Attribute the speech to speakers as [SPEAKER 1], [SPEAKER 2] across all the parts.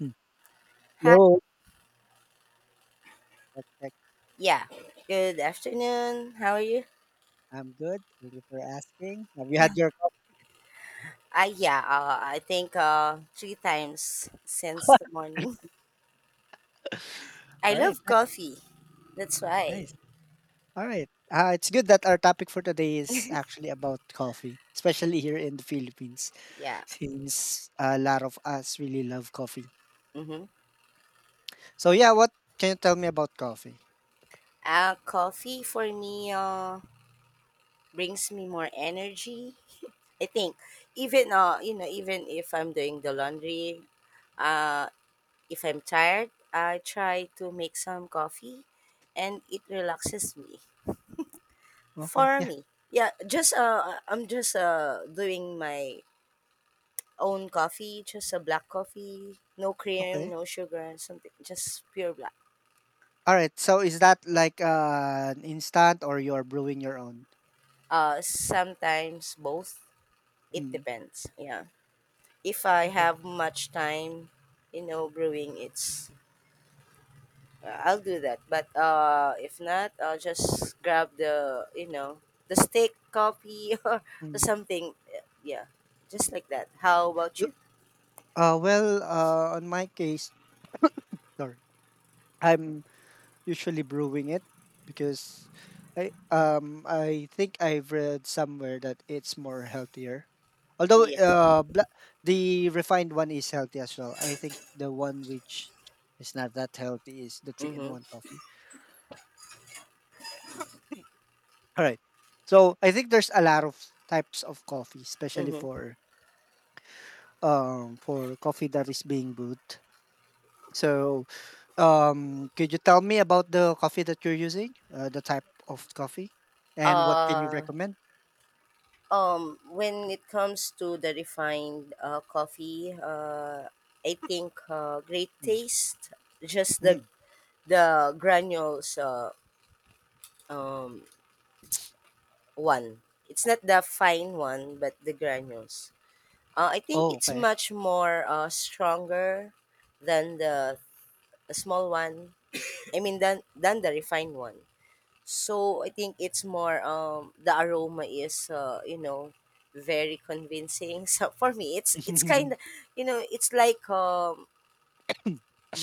[SPEAKER 1] Hmm.
[SPEAKER 2] Hi.
[SPEAKER 1] Hello. Check, check.
[SPEAKER 2] Yeah. Good afternoon. How are you?
[SPEAKER 1] I'm good. Thank you for asking. Have you had your coffee?
[SPEAKER 2] I Yeah. I think three times since the morning. I
[SPEAKER 1] All right.
[SPEAKER 2] love
[SPEAKER 1] Nice.
[SPEAKER 2] coffee. That's why.
[SPEAKER 1] Nice. All right. It's good that our topic for today is actually about coffee, especially here in the Philippines,
[SPEAKER 2] Yeah.
[SPEAKER 1] since a lot of us really love coffee.
[SPEAKER 2] Mm-hmm.
[SPEAKER 1] So, yeah, what can you tell me about coffee?
[SPEAKER 2] Coffee for me brings me more energy. I think even you know even if I'm doing the laundry, uh, if I'm tired, I try to make some coffee, and it relaxes me.
[SPEAKER 1] Okay.
[SPEAKER 2] For
[SPEAKER 1] Yeah.
[SPEAKER 2] me, yeah, just I'm just doing my own coffee, just a black coffee, no cream,
[SPEAKER 1] Okay.
[SPEAKER 2] no sugar, something, just pure black.
[SPEAKER 1] All right. So, is that like an instant or you're brewing your own?
[SPEAKER 2] Sometimes both. It
[SPEAKER 1] Mm.
[SPEAKER 2] depends. Yeah, if I
[SPEAKER 1] Okay.
[SPEAKER 2] have much time, you know, brewing, it's I'll do that. But if not, I'll just grab the the steak coffee or
[SPEAKER 1] Mm.
[SPEAKER 2] something. Yeah, just like that. How about you?
[SPEAKER 1] On my case, sorry. I'm usually brewing it because I think I've read somewhere that it's more healthier. Although
[SPEAKER 2] Yeah.
[SPEAKER 1] the refined one is healthy as well. I think the one which is not that healthy is the three in
[SPEAKER 2] Mm-hmm.
[SPEAKER 1] one coffee. All right. So I think there's a lot of types of coffee, especially
[SPEAKER 2] Mm-hmm.
[SPEAKER 1] for for coffee that is being brewed. So um, could you tell me about the coffee that you're using, the type of coffee, and what can you
[SPEAKER 2] uh
[SPEAKER 1] recommend?
[SPEAKER 2] when it comes to the refined coffee, I think great
[SPEAKER 1] Mm.
[SPEAKER 2] taste, just the
[SPEAKER 1] Mm.
[SPEAKER 2] the granules, um one. It's not the fine one but the granules, I think
[SPEAKER 1] Oh,
[SPEAKER 2] it's
[SPEAKER 1] okay.
[SPEAKER 2] much more stronger than the small one. I mean than the refined one. So I think it's more, the aroma is, you know, very convincing. So for me, it's kind of, you know, it's like,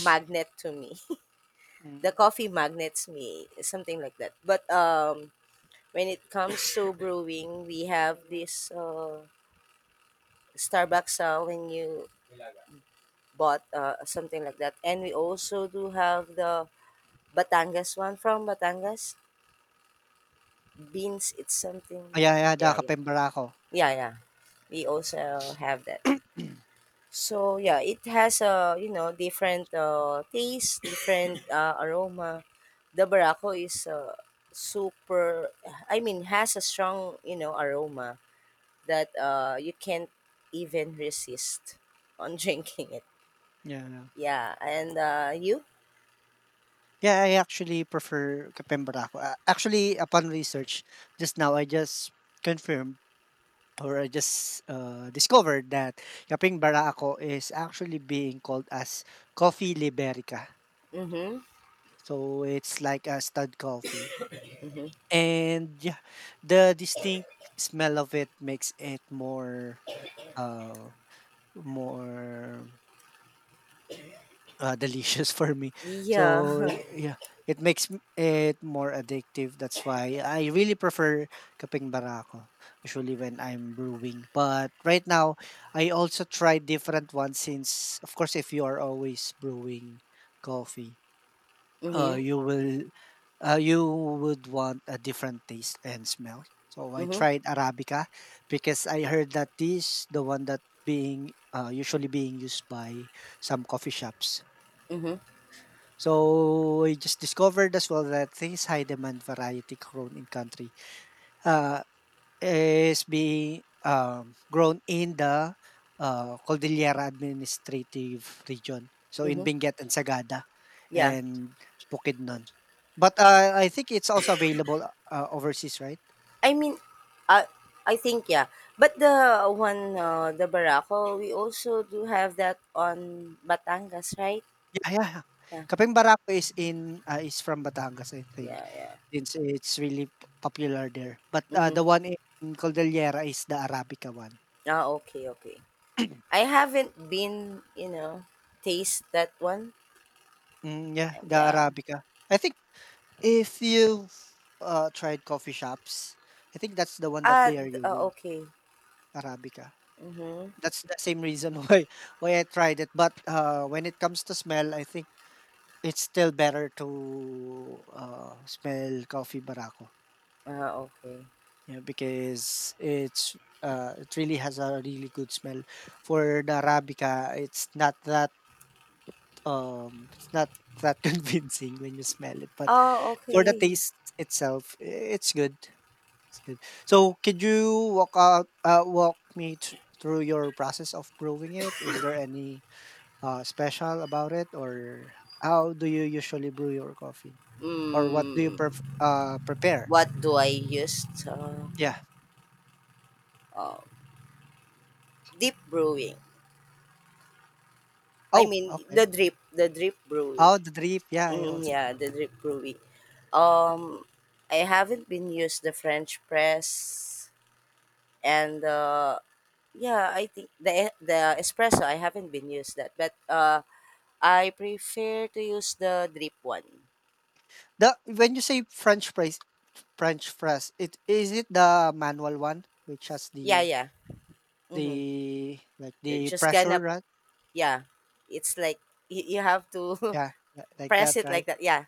[SPEAKER 2] magnet to me. The
[SPEAKER 1] Mm.
[SPEAKER 2] coffee magnets me, something like that. But when it comes to brewing, we have this Starbucks, when you bought something like that, and we also do have the Batangas one from Batangas beans, it's something.
[SPEAKER 1] Yeah, yeah, the
[SPEAKER 2] Yeah, yeah,
[SPEAKER 1] Kape Barako.
[SPEAKER 2] yeah, yeah, we also have that. So yeah, it has a, you know, different taste, different aroma. The Barako is, super. I mean, has a strong, you know, aroma that you can't even resist on drinking it.
[SPEAKER 1] Yeah, yeah.
[SPEAKER 2] Yeah, and you.
[SPEAKER 1] Yeah, I actually prefer Kape Barako. Actually, upon research, just now I just confirmed. Or I just, discovered that Kapeng Barako is actually being called as Coffee Liberica.
[SPEAKER 2] Mhm.
[SPEAKER 1] So, it's like a stud coffee.
[SPEAKER 2] Mhm.
[SPEAKER 1] And yeah, the distinct smell of it makes it more, uh, more delicious for me.
[SPEAKER 2] Yeah.
[SPEAKER 1] So yeah, it makes it more addictive. That's why I really prefer kapeng barako usually when I'm brewing. But right now, I also try different ones since, of course, if you are always brewing coffee,
[SPEAKER 2] Mhm.
[SPEAKER 1] uh, you will you would want a different taste and smell. So I
[SPEAKER 2] Mhm.
[SPEAKER 1] tried Arabica because I heard that this the one that being usually being used by some coffee shops,
[SPEAKER 2] Mhm.
[SPEAKER 1] so we just discovered as well that this high demand variety grown in country uh, is being grown in the Cordillera administrative region. So in
[SPEAKER 2] Mhm.
[SPEAKER 1] Benguet and Sagada
[SPEAKER 2] Yeah.
[SPEAKER 1] and Bukidnon. But I think it's also available overseas, right?
[SPEAKER 2] I mean, uh, I think yeah. But the one, the barako, we also do have that on Batangas, right?
[SPEAKER 1] Yeah, yeah, yeah.
[SPEAKER 2] Yeah,
[SPEAKER 1] Kapeng Barako is in is from Batangas, I think,
[SPEAKER 2] yeah, yeah.
[SPEAKER 1] since it's really popular there. But
[SPEAKER 2] Mm-hmm.
[SPEAKER 1] the one in Cordillera is the Arabica one.
[SPEAKER 2] Ah, okay, okay. I haven't been, you know, taste that one.
[SPEAKER 1] Mm, yeah, the
[SPEAKER 2] Yeah.
[SPEAKER 1] Arabica. I think if you've tried coffee shops, I think that's the one that they are
[SPEAKER 2] Ah,
[SPEAKER 1] using,
[SPEAKER 2] okay.
[SPEAKER 1] Arabica.
[SPEAKER 2] Mm-hmm.
[SPEAKER 1] That's the same reason why I tried it. But when it comes to smell, I think it's still better to smell coffee barako.
[SPEAKER 2] Ah, okay.
[SPEAKER 1] Yeah, because it's it really has a really good smell. For the Arabica, it's not that um, it's not that convincing when you smell it, but
[SPEAKER 2] Oh,
[SPEAKER 1] for the
[SPEAKER 2] okay.
[SPEAKER 1] taste itself, I it's good, it's good. So could you walk me through your process of brewing it? Is there any special about it, or how do you usually brew your coffee, or what do you
[SPEAKER 2] Mm,
[SPEAKER 1] prepare?
[SPEAKER 2] what do I use?
[SPEAKER 1] Yeah.
[SPEAKER 2] Uh, Deep brewing. I
[SPEAKER 1] Oh,
[SPEAKER 2] mean,
[SPEAKER 1] okay.
[SPEAKER 2] the drip brewing.
[SPEAKER 1] Oh, the drip. Yeah, I
[SPEAKER 2] Mm,
[SPEAKER 1] also try.
[SPEAKER 2] yeah, the drip brewy. Um, I haven't been used the French press, and yeah, I think the espresso I haven't been used that, but I prefer to use the drip one.
[SPEAKER 1] The when you say French fries, it is it the manual one which has
[SPEAKER 2] Yeah, yeah. Mm-hmm.
[SPEAKER 1] the like
[SPEAKER 2] You're
[SPEAKER 1] the
[SPEAKER 2] just
[SPEAKER 1] pressure,
[SPEAKER 2] gonna,
[SPEAKER 1] right?
[SPEAKER 2] yeah, it's like, you have to
[SPEAKER 1] Yeah, like
[SPEAKER 2] press
[SPEAKER 1] that,
[SPEAKER 2] it like
[SPEAKER 1] right?
[SPEAKER 2] that. Yeah,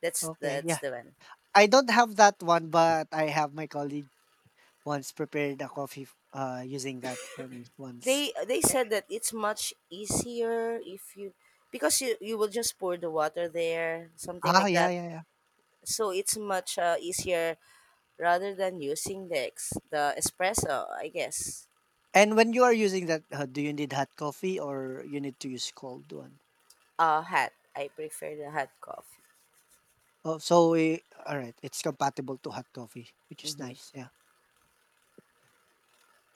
[SPEAKER 2] that's
[SPEAKER 1] Okay,
[SPEAKER 2] that's
[SPEAKER 1] yeah.
[SPEAKER 2] the one.
[SPEAKER 1] I don't have that one, but I have my colleague once prepared a coffee using that for me once.
[SPEAKER 2] They said that it's much easier if you, because you will just pour the water there, something
[SPEAKER 1] Ah,
[SPEAKER 2] like
[SPEAKER 1] yeah,
[SPEAKER 2] that.
[SPEAKER 1] yeah, yeah.
[SPEAKER 2] So it's much easier rather than using the espresso, I guess.
[SPEAKER 1] And when you are using that, do you need hot coffee or you need to use cold one?
[SPEAKER 2] Hot. I prefer the hot coffee.
[SPEAKER 1] Oh, so we all right. It's compatible to hot coffee, which is
[SPEAKER 2] Mm-hmm.
[SPEAKER 1] nice. Yeah.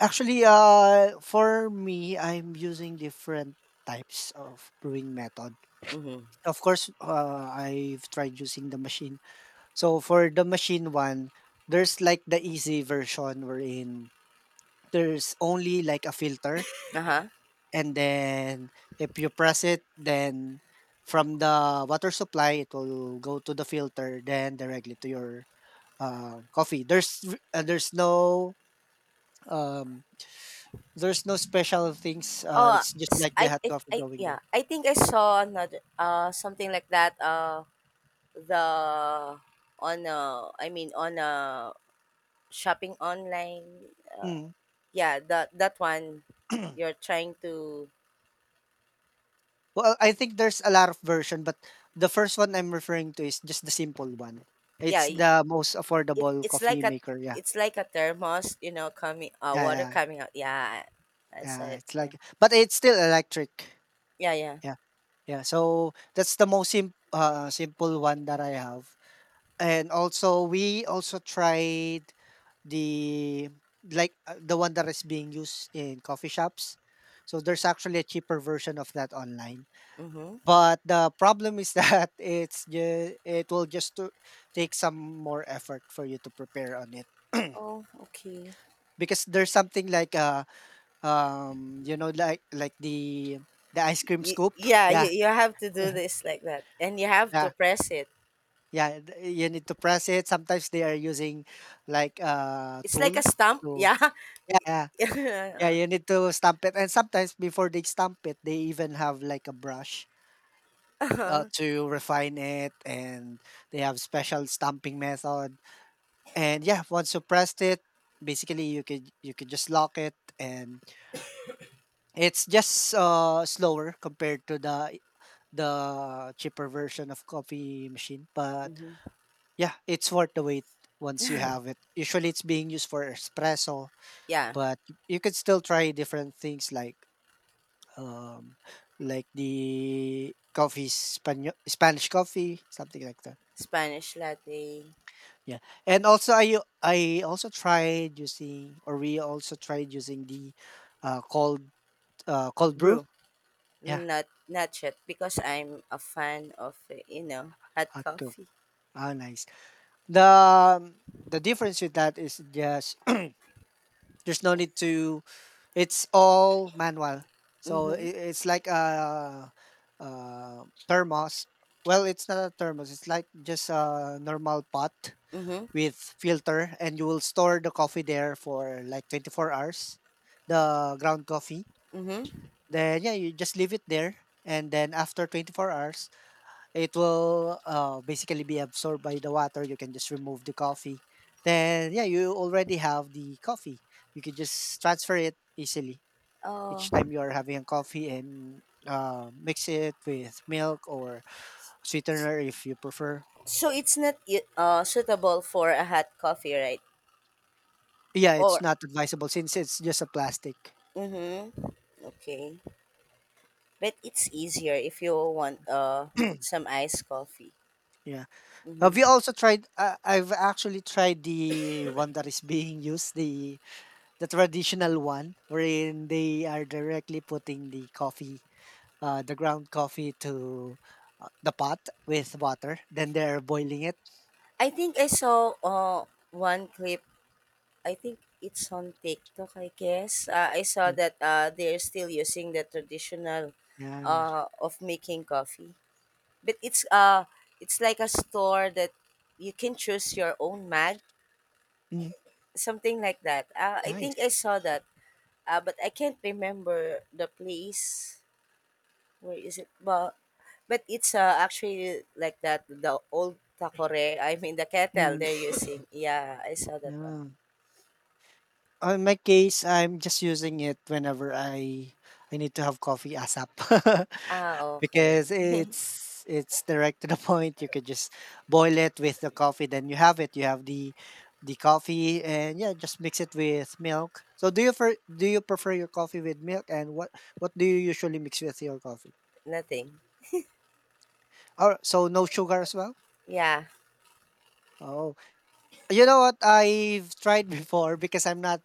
[SPEAKER 1] Actually, for me, I'm using different types of brewing method.
[SPEAKER 2] Mm-hmm.
[SPEAKER 1] Of course, I've tried using the machine. So for the machine one, there's like the easy version wherein there's only like a filter
[SPEAKER 2] Uh-huh.
[SPEAKER 1] and then if you press it, then from the water supply, it will go to the filter, then directly to your coffee. There's no um, there's no special things.
[SPEAKER 2] Oh,
[SPEAKER 1] It's just
[SPEAKER 2] s-
[SPEAKER 1] like the hot coffee
[SPEAKER 2] I
[SPEAKER 1] going
[SPEAKER 2] yeah,
[SPEAKER 1] there.
[SPEAKER 2] I think I saw another something like that, the on a. I mean on a shopping online.
[SPEAKER 1] Mm.
[SPEAKER 2] Yeah, that one. You're trying to,
[SPEAKER 1] Well, I think there's a lot of version, but the first one I'm referring to is just the simple one.
[SPEAKER 2] yeah,
[SPEAKER 1] It's the most
[SPEAKER 2] it
[SPEAKER 1] affordable
[SPEAKER 2] it's like
[SPEAKER 1] coffee
[SPEAKER 2] a
[SPEAKER 1] maker. Yeah,
[SPEAKER 2] it's like a thermos, you know, coming
[SPEAKER 1] yeah,
[SPEAKER 2] water
[SPEAKER 1] yeah,
[SPEAKER 2] coming out. Yeah, I saw
[SPEAKER 1] yeah.
[SPEAKER 2] it.
[SPEAKER 1] It's
[SPEAKER 2] Yeah,
[SPEAKER 1] like, but it's still electric.
[SPEAKER 2] yeah, yeah.
[SPEAKER 1] Yeah. Yeah, so that's the most simple one that I have. And also, we also tried the like the one that is being used in coffee shops. So there's actually a cheaper version of that online.
[SPEAKER 2] Mm-hmm.
[SPEAKER 1] But the problem is that it will just to take some more effort for you to prepare on it.
[SPEAKER 2] Oh, okay.
[SPEAKER 1] Because there's something like you know like the ice cream
[SPEAKER 2] Y-
[SPEAKER 1] scoop.
[SPEAKER 2] yeah, you,
[SPEAKER 1] Yeah.
[SPEAKER 2] you have to do this like that, and you have to press it.
[SPEAKER 1] Yeah, th you need to press it. Sometimes they are using like a
[SPEAKER 2] It's like
[SPEAKER 1] tool
[SPEAKER 2] a stump.
[SPEAKER 1] to
[SPEAKER 2] Yeah.
[SPEAKER 1] yeah, yeah, yeah,
[SPEAKER 2] Yeah.
[SPEAKER 1] you need to stamp it, and sometimes before they stamp it, they even have like a brush,
[SPEAKER 2] Uh-huh.
[SPEAKER 1] to refine it, and they have special stamping method. And yeah, once you pressed it, basically you could just lock it, and it's just slower compared to the cheaper version of coffee machine, but
[SPEAKER 2] Hmm.
[SPEAKER 1] yeah, it's worth the wait once you have it. Usually it's being used for espresso,
[SPEAKER 2] Yeah,
[SPEAKER 1] but you could still try different things like um like the coffee Spanish coffee, something like that.
[SPEAKER 2] Spanish latte
[SPEAKER 1] Yeah. And also I also tried using or we also tried using the cold cold brew.
[SPEAKER 2] brew,
[SPEAKER 1] Yeah,
[SPEAKER 2] not yet because I'm a fan of, you know, hot
[SPEAKER 1] hot brew.
[SPEAKER 2] coffee.
[SPEAKER 1] Ah, nice. The um, the difference with that is just there's no need to it's all manual. So
[SPEAKER 2] Mm-hmm.
[SPEAKER 1] it's like a, thermos. Well, it's not a thermos. It's like just a normal pot
[SPEAKER 2] Mm-hmm.
[SPEAKER 1] with filter, and you will store the coffee there for like 24 hours, the ground coffee.
[SPEAKER 2] Mm-hmm.
[SPEAKER 1] Then yeah, you just leave it there, and then after 24 hours, it will basically be absorbed by the water. You can just remove the coffee. Then yeah, you already have the coffee. You can just transfer it easily
[SPEAKER 2] Oh.
[SPEAKER 1] each time you are having a coffee and mix it with milk or sweetener if you prefer.
[SPEAKER 2] So it's not suitable for a hot coffee, right?
[SPEAKER 1] Yeah, it's
[SPEAKER 2] Or.
[SPEAKER 1] not advisable since it's just a plastic.
[SPEAKER 2] Mm-hmm. Okay. But it's easier if you want some iced coffee.
[SPEAKER 1] Yeah.
[SPEAKER 2] Mm-hmm.
[SPEAKER 1] Have you also tried? I've actually tried the one that is being used, the traditional one, wherein they are directly putting the coffee, the ground coffee to the pot with water. Then they're boiling it.
[SPEAKER 2] I think I saw one clip. I think it's on TikTok. I guess I saw
[SPEAKER 1] Yeah.
[SPEAKER 2] that they're still using the traditional
[SPEAKER 1] Yeah.
[SPEAKER 2] of making coffee, but it's like a store that you can choose your own mag,
[SPEAKER 1] Mm,
[SPEAKER 2] something like that. I
[SPEAKER 1] nice.
[SPEAKER 2] think I saw that. But I can't remember the place. Where is it? But it's, actually like that the old takore. I mean the kettle
[SPEAKER 1] Mm,
[SPEAKER 2] they're using. Yeah, I saw that one.
[SPEAKER 1] yeah. Oh, in my case, I'm just using it whenever I need to have coffee ASAP.
[SPEAKER 2] Ah, okay.
[SPEAKER 1] Because it's direct to the point. You could just boil it with the coffee, then you have it. You have the coffee and yeah, just mix it with milk. So do you for do you prefer your coffee with milk and what do you usually mix with your coffee?
[SPEAKER 2] Nothing.
[SPEAKER 1] Oh, so no sugar as well?
[SPEAKER 2] Yeah.
[SPEAKER 1] Oh. You know what? I've tried before because I'm not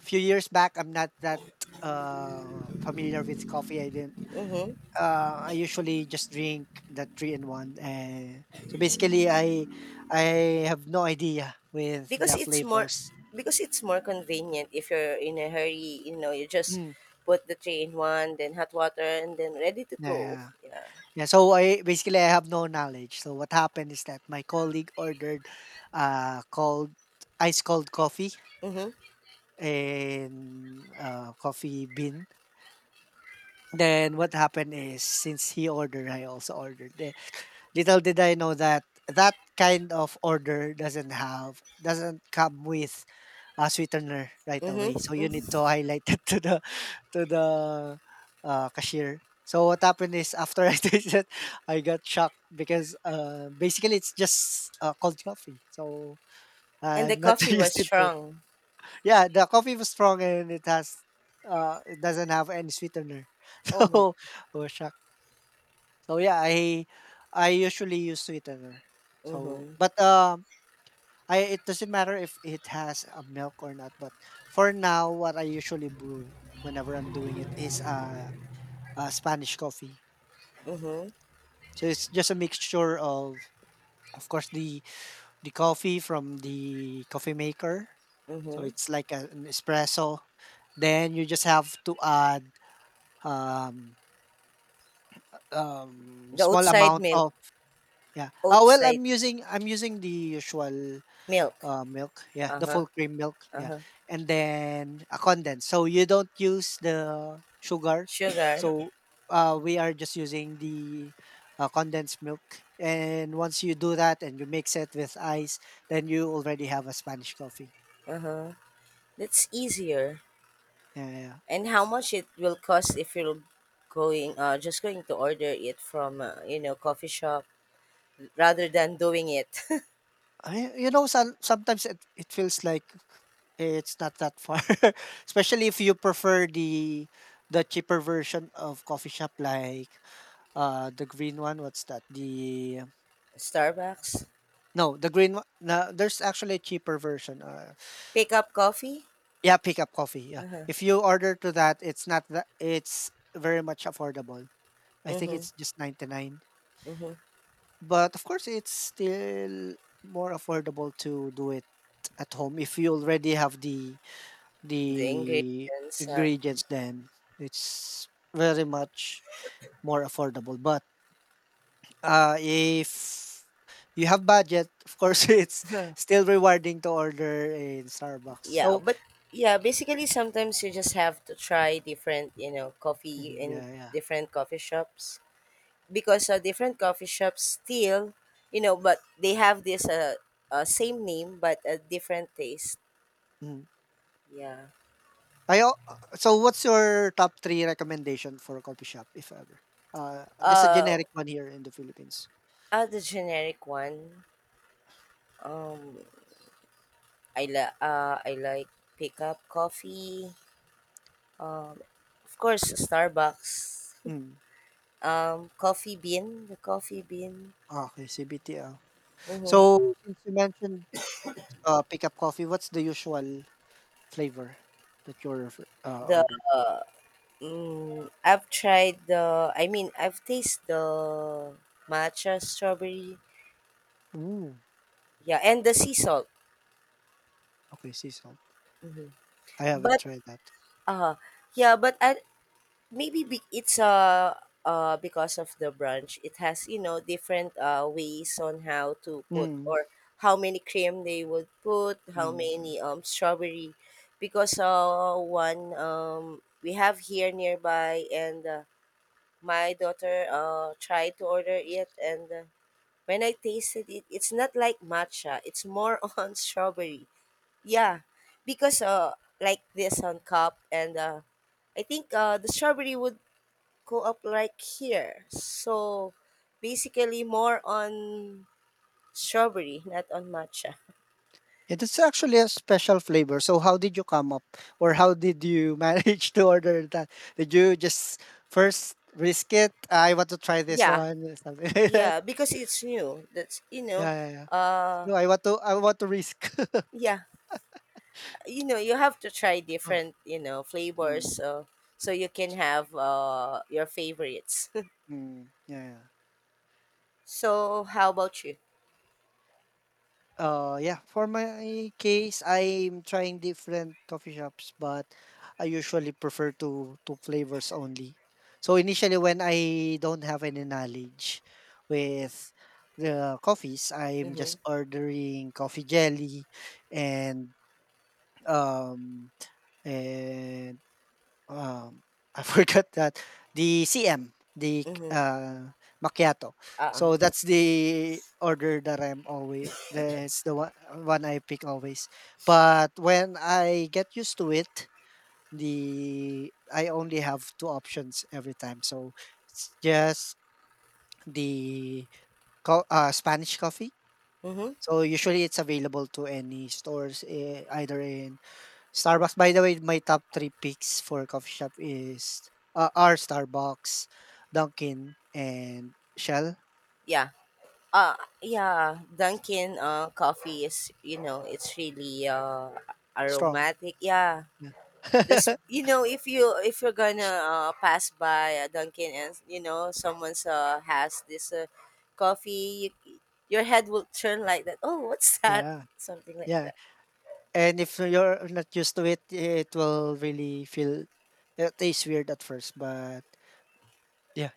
[SPEAKER 1] few years back, I'm not that familiar with coffee. I didn't.
[SPEAKER 2] Mm-hmm.
[SPEAKER 1] I usually just drink the three in one, and so basically, I have no idea with
[SPEAKER 2] Because
[SPEAKER 1] the
[SPEAKER 2] it's more
[SPEAKER 1] flavors.
[SPEAKER 2] because it's more convenient if you're in a hurry, you know, you just
[SPEAKER 1] Mm,
[SPEAKER 2] put the tray in one, then hot water, and then ready to go.
[SPEAKER 1] yeah,
[SPEAKER 2] Yeah.
[SPEAKER 1] yeah. So I basically I have no knowledge. So what happened is that my colleague ordered cold ice cold coffee
[SPEAKER 2] Mm-hmm.
[SPEAKER 1] in coffee bean. Then what happened is since he ordered, I also ordered. Then little did I know that that kind of order doesn't come with a sweetener right
[SPEAKER 2] Mm-hmm.
[SPEAKER 1] away. So you need to
[SPEAKER 2] Hmm.
[SPEAKER 1] highlight it to the cashier. So what happened is after I tasted, I got shocked because basically it's just cold coffee. So
[SPEAKER 2] And the
[SPEAKER 1] I'm not
[SPEAKER 2] coffee was
[SPEAKER 1] used to it.
[SPEAKER 2] strong.
[SPEAKER 1] Yeah, the coffee was strong and it has it doesn't have any sweetener.
[SPEAKER 2] Oh my.
[SPEAKER 1] So I was shocked. So yeah, I usually use sweetener. So
[SPEAKER 2] Mm-hmm.
[SPEAKER 1] but I it doesn't matter if it has a milk or not, but for now what I usually brew whenever I'm doing it is a Spanish coffee.
[SPEAKER 2] Mm-hmm.
[SPEAKER 1] So it's just a mixture of course the coffee from the coffee maker. So
[SPEAKER 2] Mm-hmm.
[SPEAKER 1] it's like a, an espresso. Then you just have to add um
[SPEAKER 2] The
[SPEAKER 1] small
[SPEAKER 2] outside
[SPEAKER 1] amount
[SPEAKER 2] milk,
[SPEAKER 1] of yeah. Oh well,
[SPEAKER 2] outside
[SPEAKER 1] I'm using the usual
[SPEAKER 2] milk.
[SPEAKER 1] uh, milk, yeah, the
[SPEAKER 2] Uh-huh.
[SPEAKER 1] full cream milk, yeah,
[SPEAKER 2] Uh-huh.
[SPEAKER 1] and then a condensed. So you don't use the sugar.
[SPEAKER 2] Sugar.
[SPEAKER 1] So we are just using the condensed milk. And once you do that and you mix it with ice, then you already have a Spanish coffee.
[SPEAKER 2] Uh-huh. That's easier.
[SPEAKER 1] Yeah, yeah.
[SPEAKER 2] And how much it will cost if you're going to order it from, you know, coffee shop rather than doing it.
[SPEAKER 1] I, you know, sometimes it feels like it's not that far, especially if you prefer the cheaper version of coffee shop like the green one what's that the
[SPEAKER 2] Starbucks.
[SPEAKER 1] no, the green one. No, there's actually a cheaper version.
[SPEAKER 2] Pick up coffee.
[SPEAKER 1] Yeah, pick up coffee. Yeah, if you order to that, it's not that. It's very much affordable. I think
[SPEAKER 2] Mm-hmm.
[SPEAKER 1] it's just 99.
[SPEAKER 2] Mm-hmm.
[SPEAKER 1] But of course, it's still more affordable to do it at home if you already have the
[SPEAKER 2] The
[SPEAKER 1] the
[SPEAKER 2] ingredients.
[SPEAKER 1] ingredients. Then it's very much more affordable. But if you have budget, of course, it's still rewarding to order in Starbucks.
[SPEAKER 2] Yeah,
[SPEAKER 1] So
[SPEAKER 2] but yeah, basically sometimes you just have to try different, you know, coffee
[SPEAKER 1] mhm,
[SPEAKER 2] in
[SPEAKER 1] yeah, yeah.
[SPEAKER 2] different coffee shops, because different coffee shops still, you know, but they have this, same name but a different taste.
[SPEAKER 1] Mhm.
[SPEAKER 2] Yeah.
[SPEAKER 1] I al So what's your top 3 recommendation for a coffee shop, if ever? Just a
[SPEAKER 2] Uh,
[SPEAKER 1] generic one here in the Philippines.
[SPEAKER 2] the generic one. Um, I like pickup coffee. Um, of course, Starbucks.
[SPEAKER 1] Mm.
[SPEAKER 2] Coffee bean, the coffee bean.
[SPEAKER 1] Okay, CBT, ah.
[SPEAKER 2] Mm-hmm.
[SPEAKER 1] So since you mentioned, pick-up coffee, what's the usual flavor that you're refer
[SPEAKER 2] The
[SPEAKER 1] ordered?
[SPEAKER 2] I've tried the. I mean, I've tasted the matcha strawberry.
[SPEAKER 1] Ooh,
[SPEAKER 2] Yeah, and the sea salt.
[SPEAKER 1] okay, sea salt.
[SPEAKER 2] Hmm.
[SPEAKER 1] I haven't
[SPEAKER 2] But
[SPEAKER 1] tried that.
[SPEAKER 2] Uh, yeah, but I, maybe be, it's because of the branch, it has, you know, different ways on how to put,
[SPEAKER 1] Mm,
[SPEAKER 2] or how many cream they would put, how
[SPEAKER 1] mm.
[SPEAKER 2] many strawberry, because one, we have here nearby, and my daughter tried to order it, and when I tasted it, it's not like matcha, it's more on strawberry. Yeah, because like this on cup, and I think the strawberry would go up like here. So basically, more on strawberry, not on matcha.
[SPEAKER 1] It is actually a special flavor. So how did you come up or how did you manage to order that? Did you just first risk it? I want to try this
[SPEAKER 2] Yeah,
[SPEAKER 1] one or something like that.
[SPEAKER 2] yeah, because it's new. That's, you
[SPEAKER 1] Yeah,
[SPEAKER 2] know,
[SPEAKER 1] yeah, yeah.
[SPEAKER 2] uh,
[SPEAKER 1] No, I want to risk.
[SPEAKER 2] yeah, you know, you have to try different, you know, flavors,
[SPEAKER 1] Mm,
[SPEAKER 2] so you can have your favorites.
[SPEAKER 1] mm, yeah, yeah.
[SPEAKER 2] So how about you?
[SPEAKER 1] Yeah, for my case, I'm trying different coffee shops, but I usually prefer to two flavors only. So initially, when I don't have any knowledge with the coffees, I'm
[SPEAKER 2] Mm-hmm.
[SPEAKER 1] just ordering coffee jelly and um, eh, um, I forgot that. The CM, the
[SPEAKER 2] Mm-hmm.
[SPEAKER 1] uh, macchiato. So
[SPEAKER 2] Uh-uh.
[SPEAKER 1] that's the order that I'm always. That's the one I pick always. But when I get used to it, the I only have 2 options every time. So it's just the co Spanish coffee.
[SPEAKER 2] Mm-hmm.
[SPEAKER 1] So usually it's available to any stores, eh, either in Starbucks. By the way, my top 3 picks for coffee shop are Starbucks, Dunkin', and Shell,
[SPEAKER 2] Yeah. Uh yeah, Dunkin' coffee is, you know, it's really
[SPEAKER 1] strong,
[SPEAKER 2] aromatic. Yeah,
[SPEAKER 1] yeah.
[SPEAKER 2] this, you know, if you're gonna pass by a Dunkin' and you know someone's has this coffee, your head will turn like that. Oh, what's that?
[SPEAKER 1] Yeah,
[SPEAKER 2] Something like
[SPEAKER 1] yeah,
[SPEAKER 2] that.
[SPEAKER 1] and if you're not used to it, it will really feel it tastes weird at first, but yeah.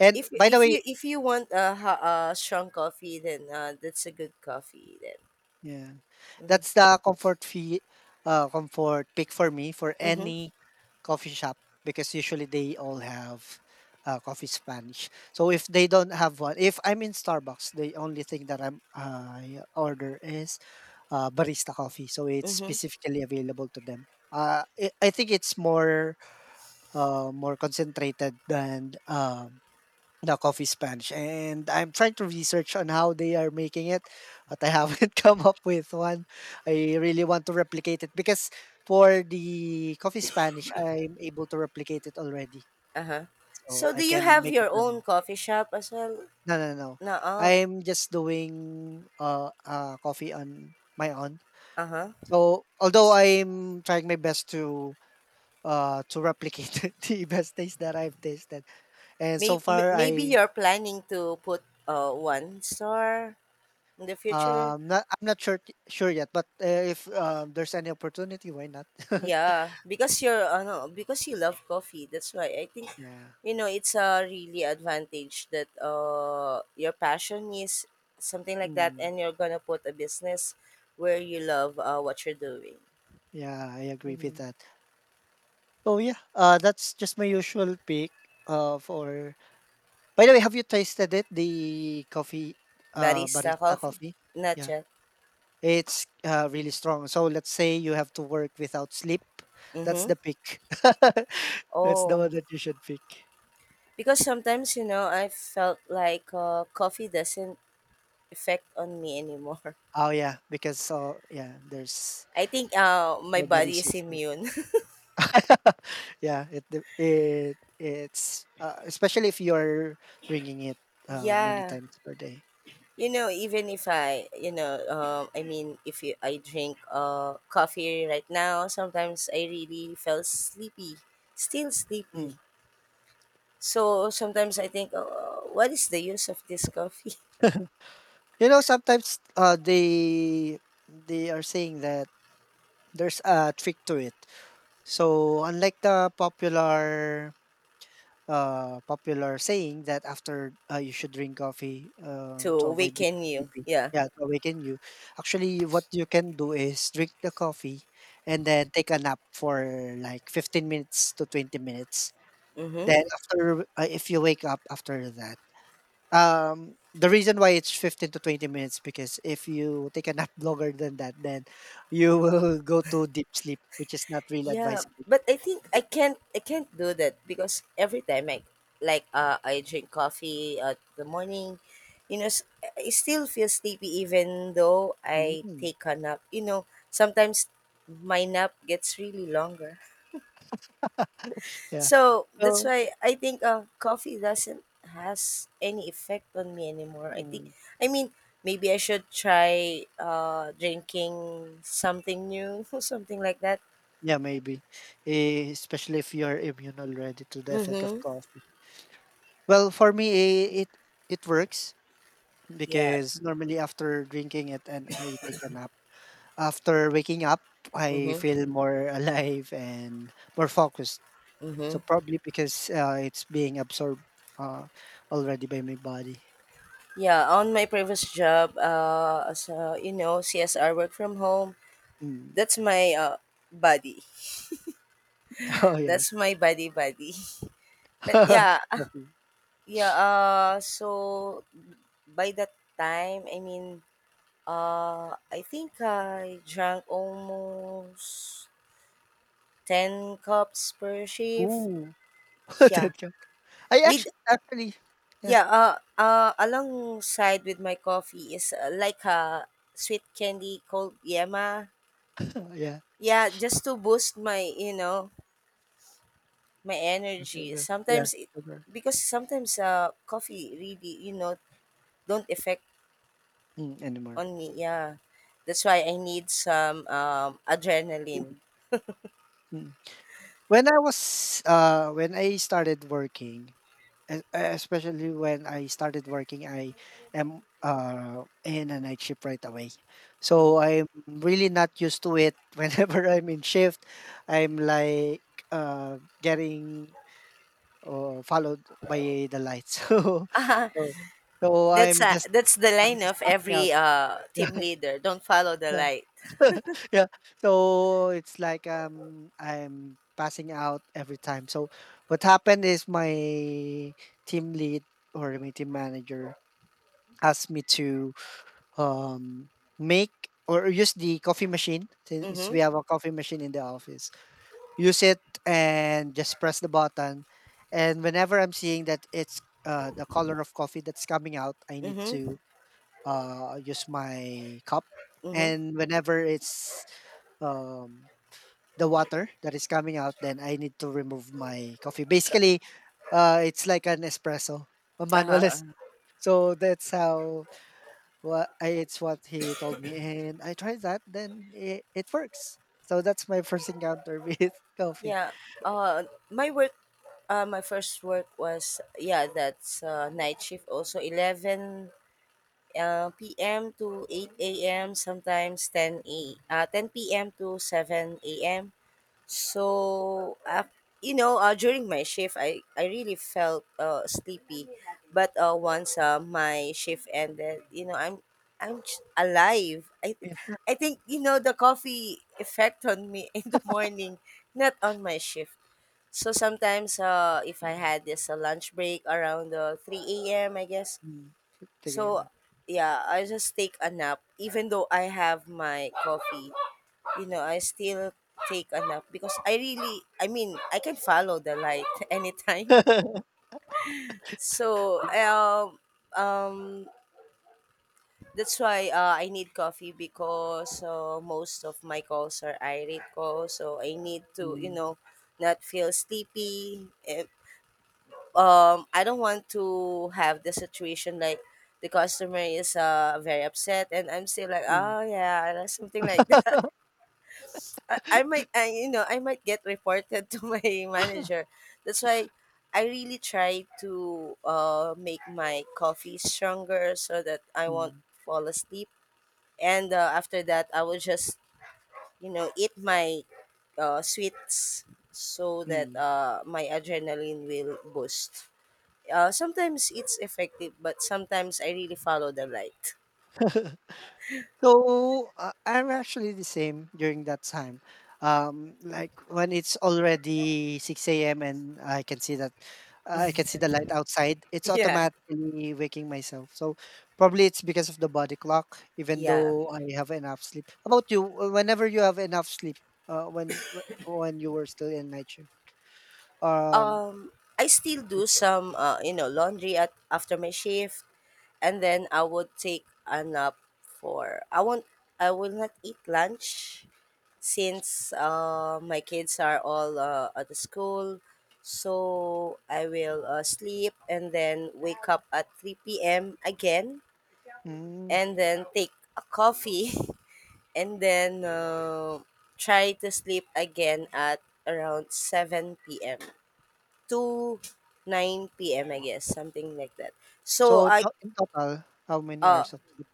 [SPEAKER 1] And by the way,
[SPEAKER 2] If you want a, a strong coffee, then that's a good coffee then.
[SPEAKER 1] yeah.
[SPEAKER 2] Mhm.
[SPEAKER 1] That's the comfort pick for me for
[SPEAKER 2] Mhm.
[SPEAKER 1] any coffee shop, because usually they all have coffee Spanish. So if they don't have one, if I'm in Starbucks, the only thing that I order is barista coffee. So it's
[SPEAKER 2] Mhm.
[SPEAKER 1] specifically available to them. I think it's more more concentrated than the coffee sponge, and I'm trying to research on how they are making it, but I haven't come up with one. I really want to replicate it because for the coffee Spanish I'm able to replicate it already,
[SPEAKER 2] Uh huh.
[SPEAKER 1] so
[SPEAKER 2] So
[SPEAKER 1] I
[SPEAKER 2] do you
[SPEAKER 1] can
[SPEAKER 2] have
[SPEAKER 1] make it
[SPEAKER 2] your
[SPEAKER 1] right
[SPEAKER 2] own
[SPEAKER 1] now.
[SPEAKER 2] coffee shop as well?
[SPEAKER 1] No.
[SPEAKER 2] No.
[SPEAKER 1] I'm just doing coffee on my own,
[SPEAKER 2] Uh-huh.
[SPEAKER 1] so although I'm trying my best to replicate the best taste that I've tasted. And so
[SPEAKER 2] Maybe,
[SPEAKER 1] far
[SPEAKER 2] maybe
[SPEAKER 1] I,
[SPEAKER 2] you're planning to put one star in the future.
[SPEAKER 1] um, not, I'm not sure yet, but, eh, if, there's any opportunity, why not?
[SPEAKER 2] Yeah, because you're no, because you love coffee. That's why I think,
[SPEAKER 1] Yeah.
[SPEAKER 2] you know, it's a really advantage that your passion is something like that, and
[SPEAKER 1] Mm,
[SPEAKER 2] you're going to put a business where you love, what you're doing.
[SPEAKER 1] yeah, I agree with that. So, yeah, that's just my usual pick, for, by the way, have you tasted it, the coffee,
[SPEAKER 2] Barista
[SPEAKER 1] barista
[SPEAKER 2] coffee,
[SPEAKER 1] coffee?
[SPEAKER 2] not
[SPEAKER 1] Yeah,
[SPEAKER 2] yet.
[SPEAKER 1] it's, really strong. So let's say you have to work without sleep, that's
[SPEAKER 2] Mhm.
[SPEAKER 1] the pick. That's the one
[SPEAKER 2] Oh,
[SPEAKER 1] that you should pick.
[SPEAKER 2] because sometimes, you know, I felt like coffee doesn't affect on me anymore.
[SPEAKER 1] Oh, yeah, because, so yeah, there's
[SPEAKER 2] I think my body
[SPEAKER 1] nobody's
[SPEAKER 2] is immune.
[SPEAKER 1] Yeah, it d it it's, especially if you're drinking it, many
[SPEAKER 2] Yeah.
[SPEAKER 1] times per day.
[SPEAKER 2] You know, even if I, you know, I mean, if you, I drink coffee right now, sometimes I really felt sleepy, still sleepy.
[SPEAKER 1] Mm.
[SPEAKER 2] So sometimes I think, oh, what is the use of this coffee
[SPEAKER 1] You know, sometimes, they are saying that there's a trick to it. So unlike the popular saying that after you should drink coffee
[SPEAKER 2] to
[SPEAKER 1] to avoid being
[SPEAKER 2] awaken you?
[SPEAKER 1] sleepy.
[SPEAKER 2] Yeah.
[SPEAKER 1] Yeah, to awaken you. Actually, what you can do is drink the coffee and then take a nap for like 15 minutes to 20 minutes.
[SPEAKER 2] Mm-hmm.
[SPEAKER 1] Then after, if you wake up after that, the reason why it's 15 to 20 minutes because if you take a nap longer than that, then you will go to deep sleep, which is not really
[SPEAKER 2] Yeah,
[SPEAKER 1] advisable. But
[SPEAKER 2] but I think I
[SPEAKER 1] it-
[SPEAKER 2] can't I can't do that because every time I, I drink coffee at the morning, you know, I still feel sleepy even though I
[SPEAKER 1] mm.
[SPEAKER 2] take a nap. You know, sometimes my nap gets really longer.
[SPEAKER 1] Yeah.
[SPEAKER 2] So that's
[SPEAKER 1] So
[SPEAKER 2] why I think coffee doesn't has any effect on me anymore. I think,
[SPEAKER 1] mm,
[SPEAKER 2] I mean, maybe I should try drinking something new or something like that.
[SPEAKER 1] yeah, maybe, eh, especially if you're immune already to the effect of
[SPEAKER 2] Mhm.
[SPEAKER 1] coffee. Well, for me, eh, it works
[SPEAKER 2] Yeah.
[SPEAKER 1] because normally after drinking it and I take a nap, after waking up, I
[SPEAKER 2] Mhm.
[SPEAKER 1] feel more alive and more focused. So
[SPEAKER 2] Mm-hmm.
[SPEAKER 1] probably because it's being absorbed uh, already by my body.
[SPEAKER 2] Yeah, on my previous job, as a, you know, CSR work from home,
[SPEAKER 1] Mm.
[SPEAKER 2] that's my buddy.
[SPEAKER 1] Oh yeah.
[SPEAKER 2] That's my buddy buddy. But yeah, ah,
[SPEAKER 1] Coffee.
[SPEAKER 2] yeah. So by that time, I mean, I think I drank almost 10 cups per shift.
[SPEAKER 1] Ooh,
[SPEAKER 2] Yeah,
[SPEAKER 1] that cup. I
[SPEAKER 2] with,
[SPEAKER 1] actually actually yeah.
[SPEAKER 2] yeah. Alongside with my coffee is like a sweet candy called Yema,
[SPEAKER 1] Yeah.
[SPEAKER 2] yeah, just to boost my, you know, my energy
[SPEAKER 1] Sugar, yeah,
[SPEAKER 2] sometimes,
[SPEAKER 1] sugar.
[SPEAKER 2] because sometimes coffee really, you know, don't affect
[SPEAKER 1] Mm, anymore.
[SPEAKER 2] on me, yeah, that's why I need some
[SPEAKER 1] Mm.
[SPEAKER 2] adrenaline.
[SPEAKER 1] Mm. When I started working, e- especially when I started working, I am in a night shift right away. So I'm really not used to it. Whenever I'm in shift, I'm like getting followed by the lights. So, so I'm just
[SPEAKER 2] That's the line of
[SPEAKER 1] passing out.
[SPEAKER 2] every team leader, don't follow the light.
[SPEAKER 1] Yeah. So it's like I'm passing out every time. So what happened is my team lead or my team manager asked me to um make or use the coffee machine, since
[SPEAKER 2] Mm-hmm.
[SPEAKER 1] we have a coffee machine in the office. Use it and just press the button. And whenever I'm seeing that it's the color of coffee that's coming out, I need
[SPEAKER 2] Hmm.
[SPEAKER 1] to use my cup.
[SPEAKER 2] Hmm.
[SPEAKER 1] And whenever it's um the water that is coming out, then I need to remove my coffee.
[SPEAKER 2] Co-
[SPEAKER 1] Basically, it's like an espresso, a
[SPEAKER 2] uh-huh.
[SPEAKER 1] manual es-
[SPEAKER 2] Uh-huh.
[SPEAKER 1] So that's it's what he told me, and I tried that. Then it works. So that's my first encounter with coffee.
[SPEAKER 2] Yeah. uh my work my first work was, yeah, that's night shift, also 11 p.m. to 8 a.m., sometimes 10 a 10 p.m. to 7 a.m. So you know, during my shift, I really felt sleepy, but once my shift ended, you know, I'm alive.
[SPEAKER 1] Yeah.
[SPEAKER 2] I think, you know, the coffee effect on me in the morning, not on my shift. So sometimes, if I had this lunch break around 3 a.m., I guess,
[SPEAKER 1] Mm. Taking it
[SPEAKER 2] so
[SPEAKER 1] up.
[SPEAKER 2] yeah, I just take a nap. Even though I have my coffee, I still take a nap because I mean I can follow the light anytime. So
[SPEAKER 1] Yeah.
[SPEAKER 2] um um that's why I need coffee because most of my calls are irate calls, so I need to
[SPEAKER 1] Mm,
[SPEAKER 2] not feel sleepy. I don't want to have the situation like the customer is very upset and I'm still like,
[SPEAKER 1] mm,
[SPEAKER 2] oh yeah, and something like that. I I might get reported to my manager. That's why I really try to make my coffee stronger so that I won't
[SPEAKER 1] mm,
[SPEAKER 2] fall asleep. And after that I will just eat my sweets so that
[SPEAKER 1] mm.
[SPEAKER 2] my adrenaline will boost. Sometimes it's effective, but sometimes I really follow the light.
[SPEAKER 1] So, I'm actually the same during that time. Like when it's already 6 a.m. and I can see that I can see the light outside, it's
[SPEAKER 2] Yeah.
[SPEAKER 1] automatically waking myself. So probably it's because of the body clock, even
[SPEAKER 2] Yeah.
[SPEAKER 1] though I have enough sleep. How about you? Whenever you have enough sleep, when you were still in night shift. Um,
[SPEAKER 2] I still do some, laundry at after my shift, and then I would take a nap for. I won't. I will not eat lunch since my kids are all at the school. So I will sleep and then wake up at 3 p.m. again,
[SPEAKER 1] mm,
[SPEAKER 2] and then take a coffee, and then try to sleep again at around 7 p.m. to 9 p.m., I guess, something like that. So
[SPEAKER 1] so
[SPEAKER 2] I
[SPEAKER 1] in total, how many
[SPEAKER 2] uh
[SPEAKER 1] hours of sleep?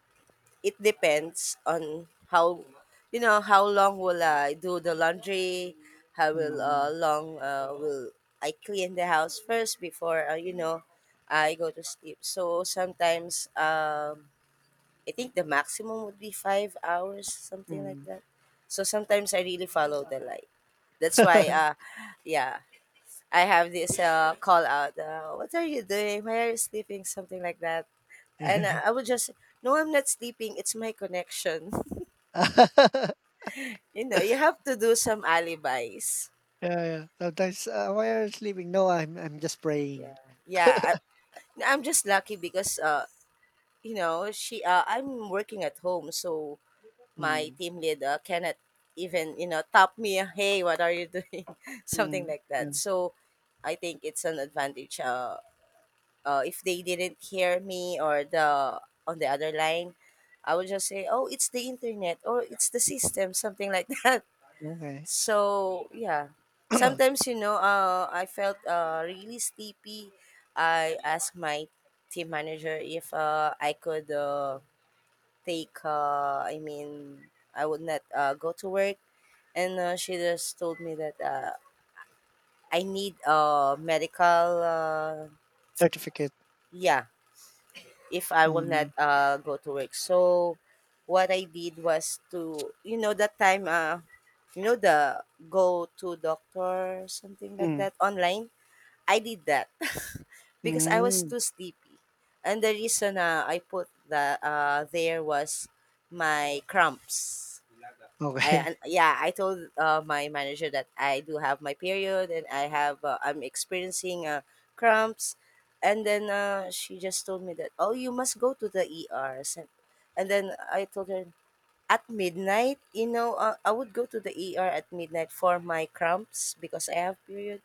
[SPEAKER 2] it depends on how, how long will I do the laundry, how will
[SPEAKER 1] Mm,
[SPEAKER 2] long will I clean the house first before, uh, I go to sleep. So sometimes I think the maximum would be 5 hours, something like
[SPEAKER 1] mm.
[SPEAKER 2] that. So sometimes I really follow the light. That's why Yeah, I have this call out, what are you doing? Why are you sleeping? Something like that. And I would just, no, I'm not sleeping, it's my connection. You know, you have to do some alibis.
[SPEAKER 1] Yeah, yeah. Sometimes, "Why are you sleeping?" "No, I'm just
[SPEAKER 2] Yeah.
[SPEAKER 1] praying."
[SPEAKER 2] Yeah, I'm just lucky because you know, she I'm working at home, so my
[SPEAKER 1] Mm.
[SPEAKER 2] team leader cannot even, you know, tap me, hey, what are you doing, something
[SPEAKER 1] Mm,
[SPEAKER 2] like
[SPEAKER 1] yeah.
[SPEAKER 2] that. So I think it's an advantage. If they didn't hear me or the on the other line, I would just say, oh, it's the internet or it's the system, something like that
[SPEAKER 1] Okay.
[SPEAKER 2] so yeah, sometimes, you know, I felt really sleepy. I asked my team manager if I could take I mean I would not go to work. And she just told me that I need medical, uh,
[SPEAKER 1] Certificate.
[SPEAKER 2] yeah, if I will not
[SPEAKER 1] Mm,
[SPEAKER 2] go to work. So what I did was to, you know, that time, the, go to doctor, something like
[SPEAKER 1] mm.
[SPEAKER 2] that, online. I did that because I was
[SPEAKER 1] Mm.
[SPEAKER 2] too sleepy. And the reason I put that there was my cramps. I
[SPEAKER 1] Okay.
[SPEAKER 2] and Yeah, I told my manager that I do have my period and I have, I'm experiencing cramps, and then she just told me that, oh, you must go to the ER. So- and then I told her, at midnight, you know, I would go to the ER at midnight for my cramps because I have period.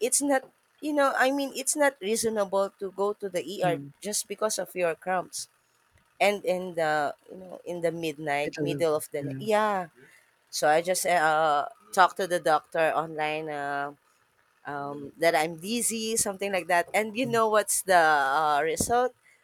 [SPEAKER 2] It's not, it's not reasonable to go to the ER
[SPEAKER 1] Mm.
[SPEAKER 2] just because of your cramps and in the, you know, in the midnight
[SPEAKER 1] Medal of
[SPEAKER 2] middle of the night,
[SPEAKER 1] yeah.
[SPEAKER 2] yeah. So I just talked to the doctor online, that I'm dizzy, something like that. And you know what's the result?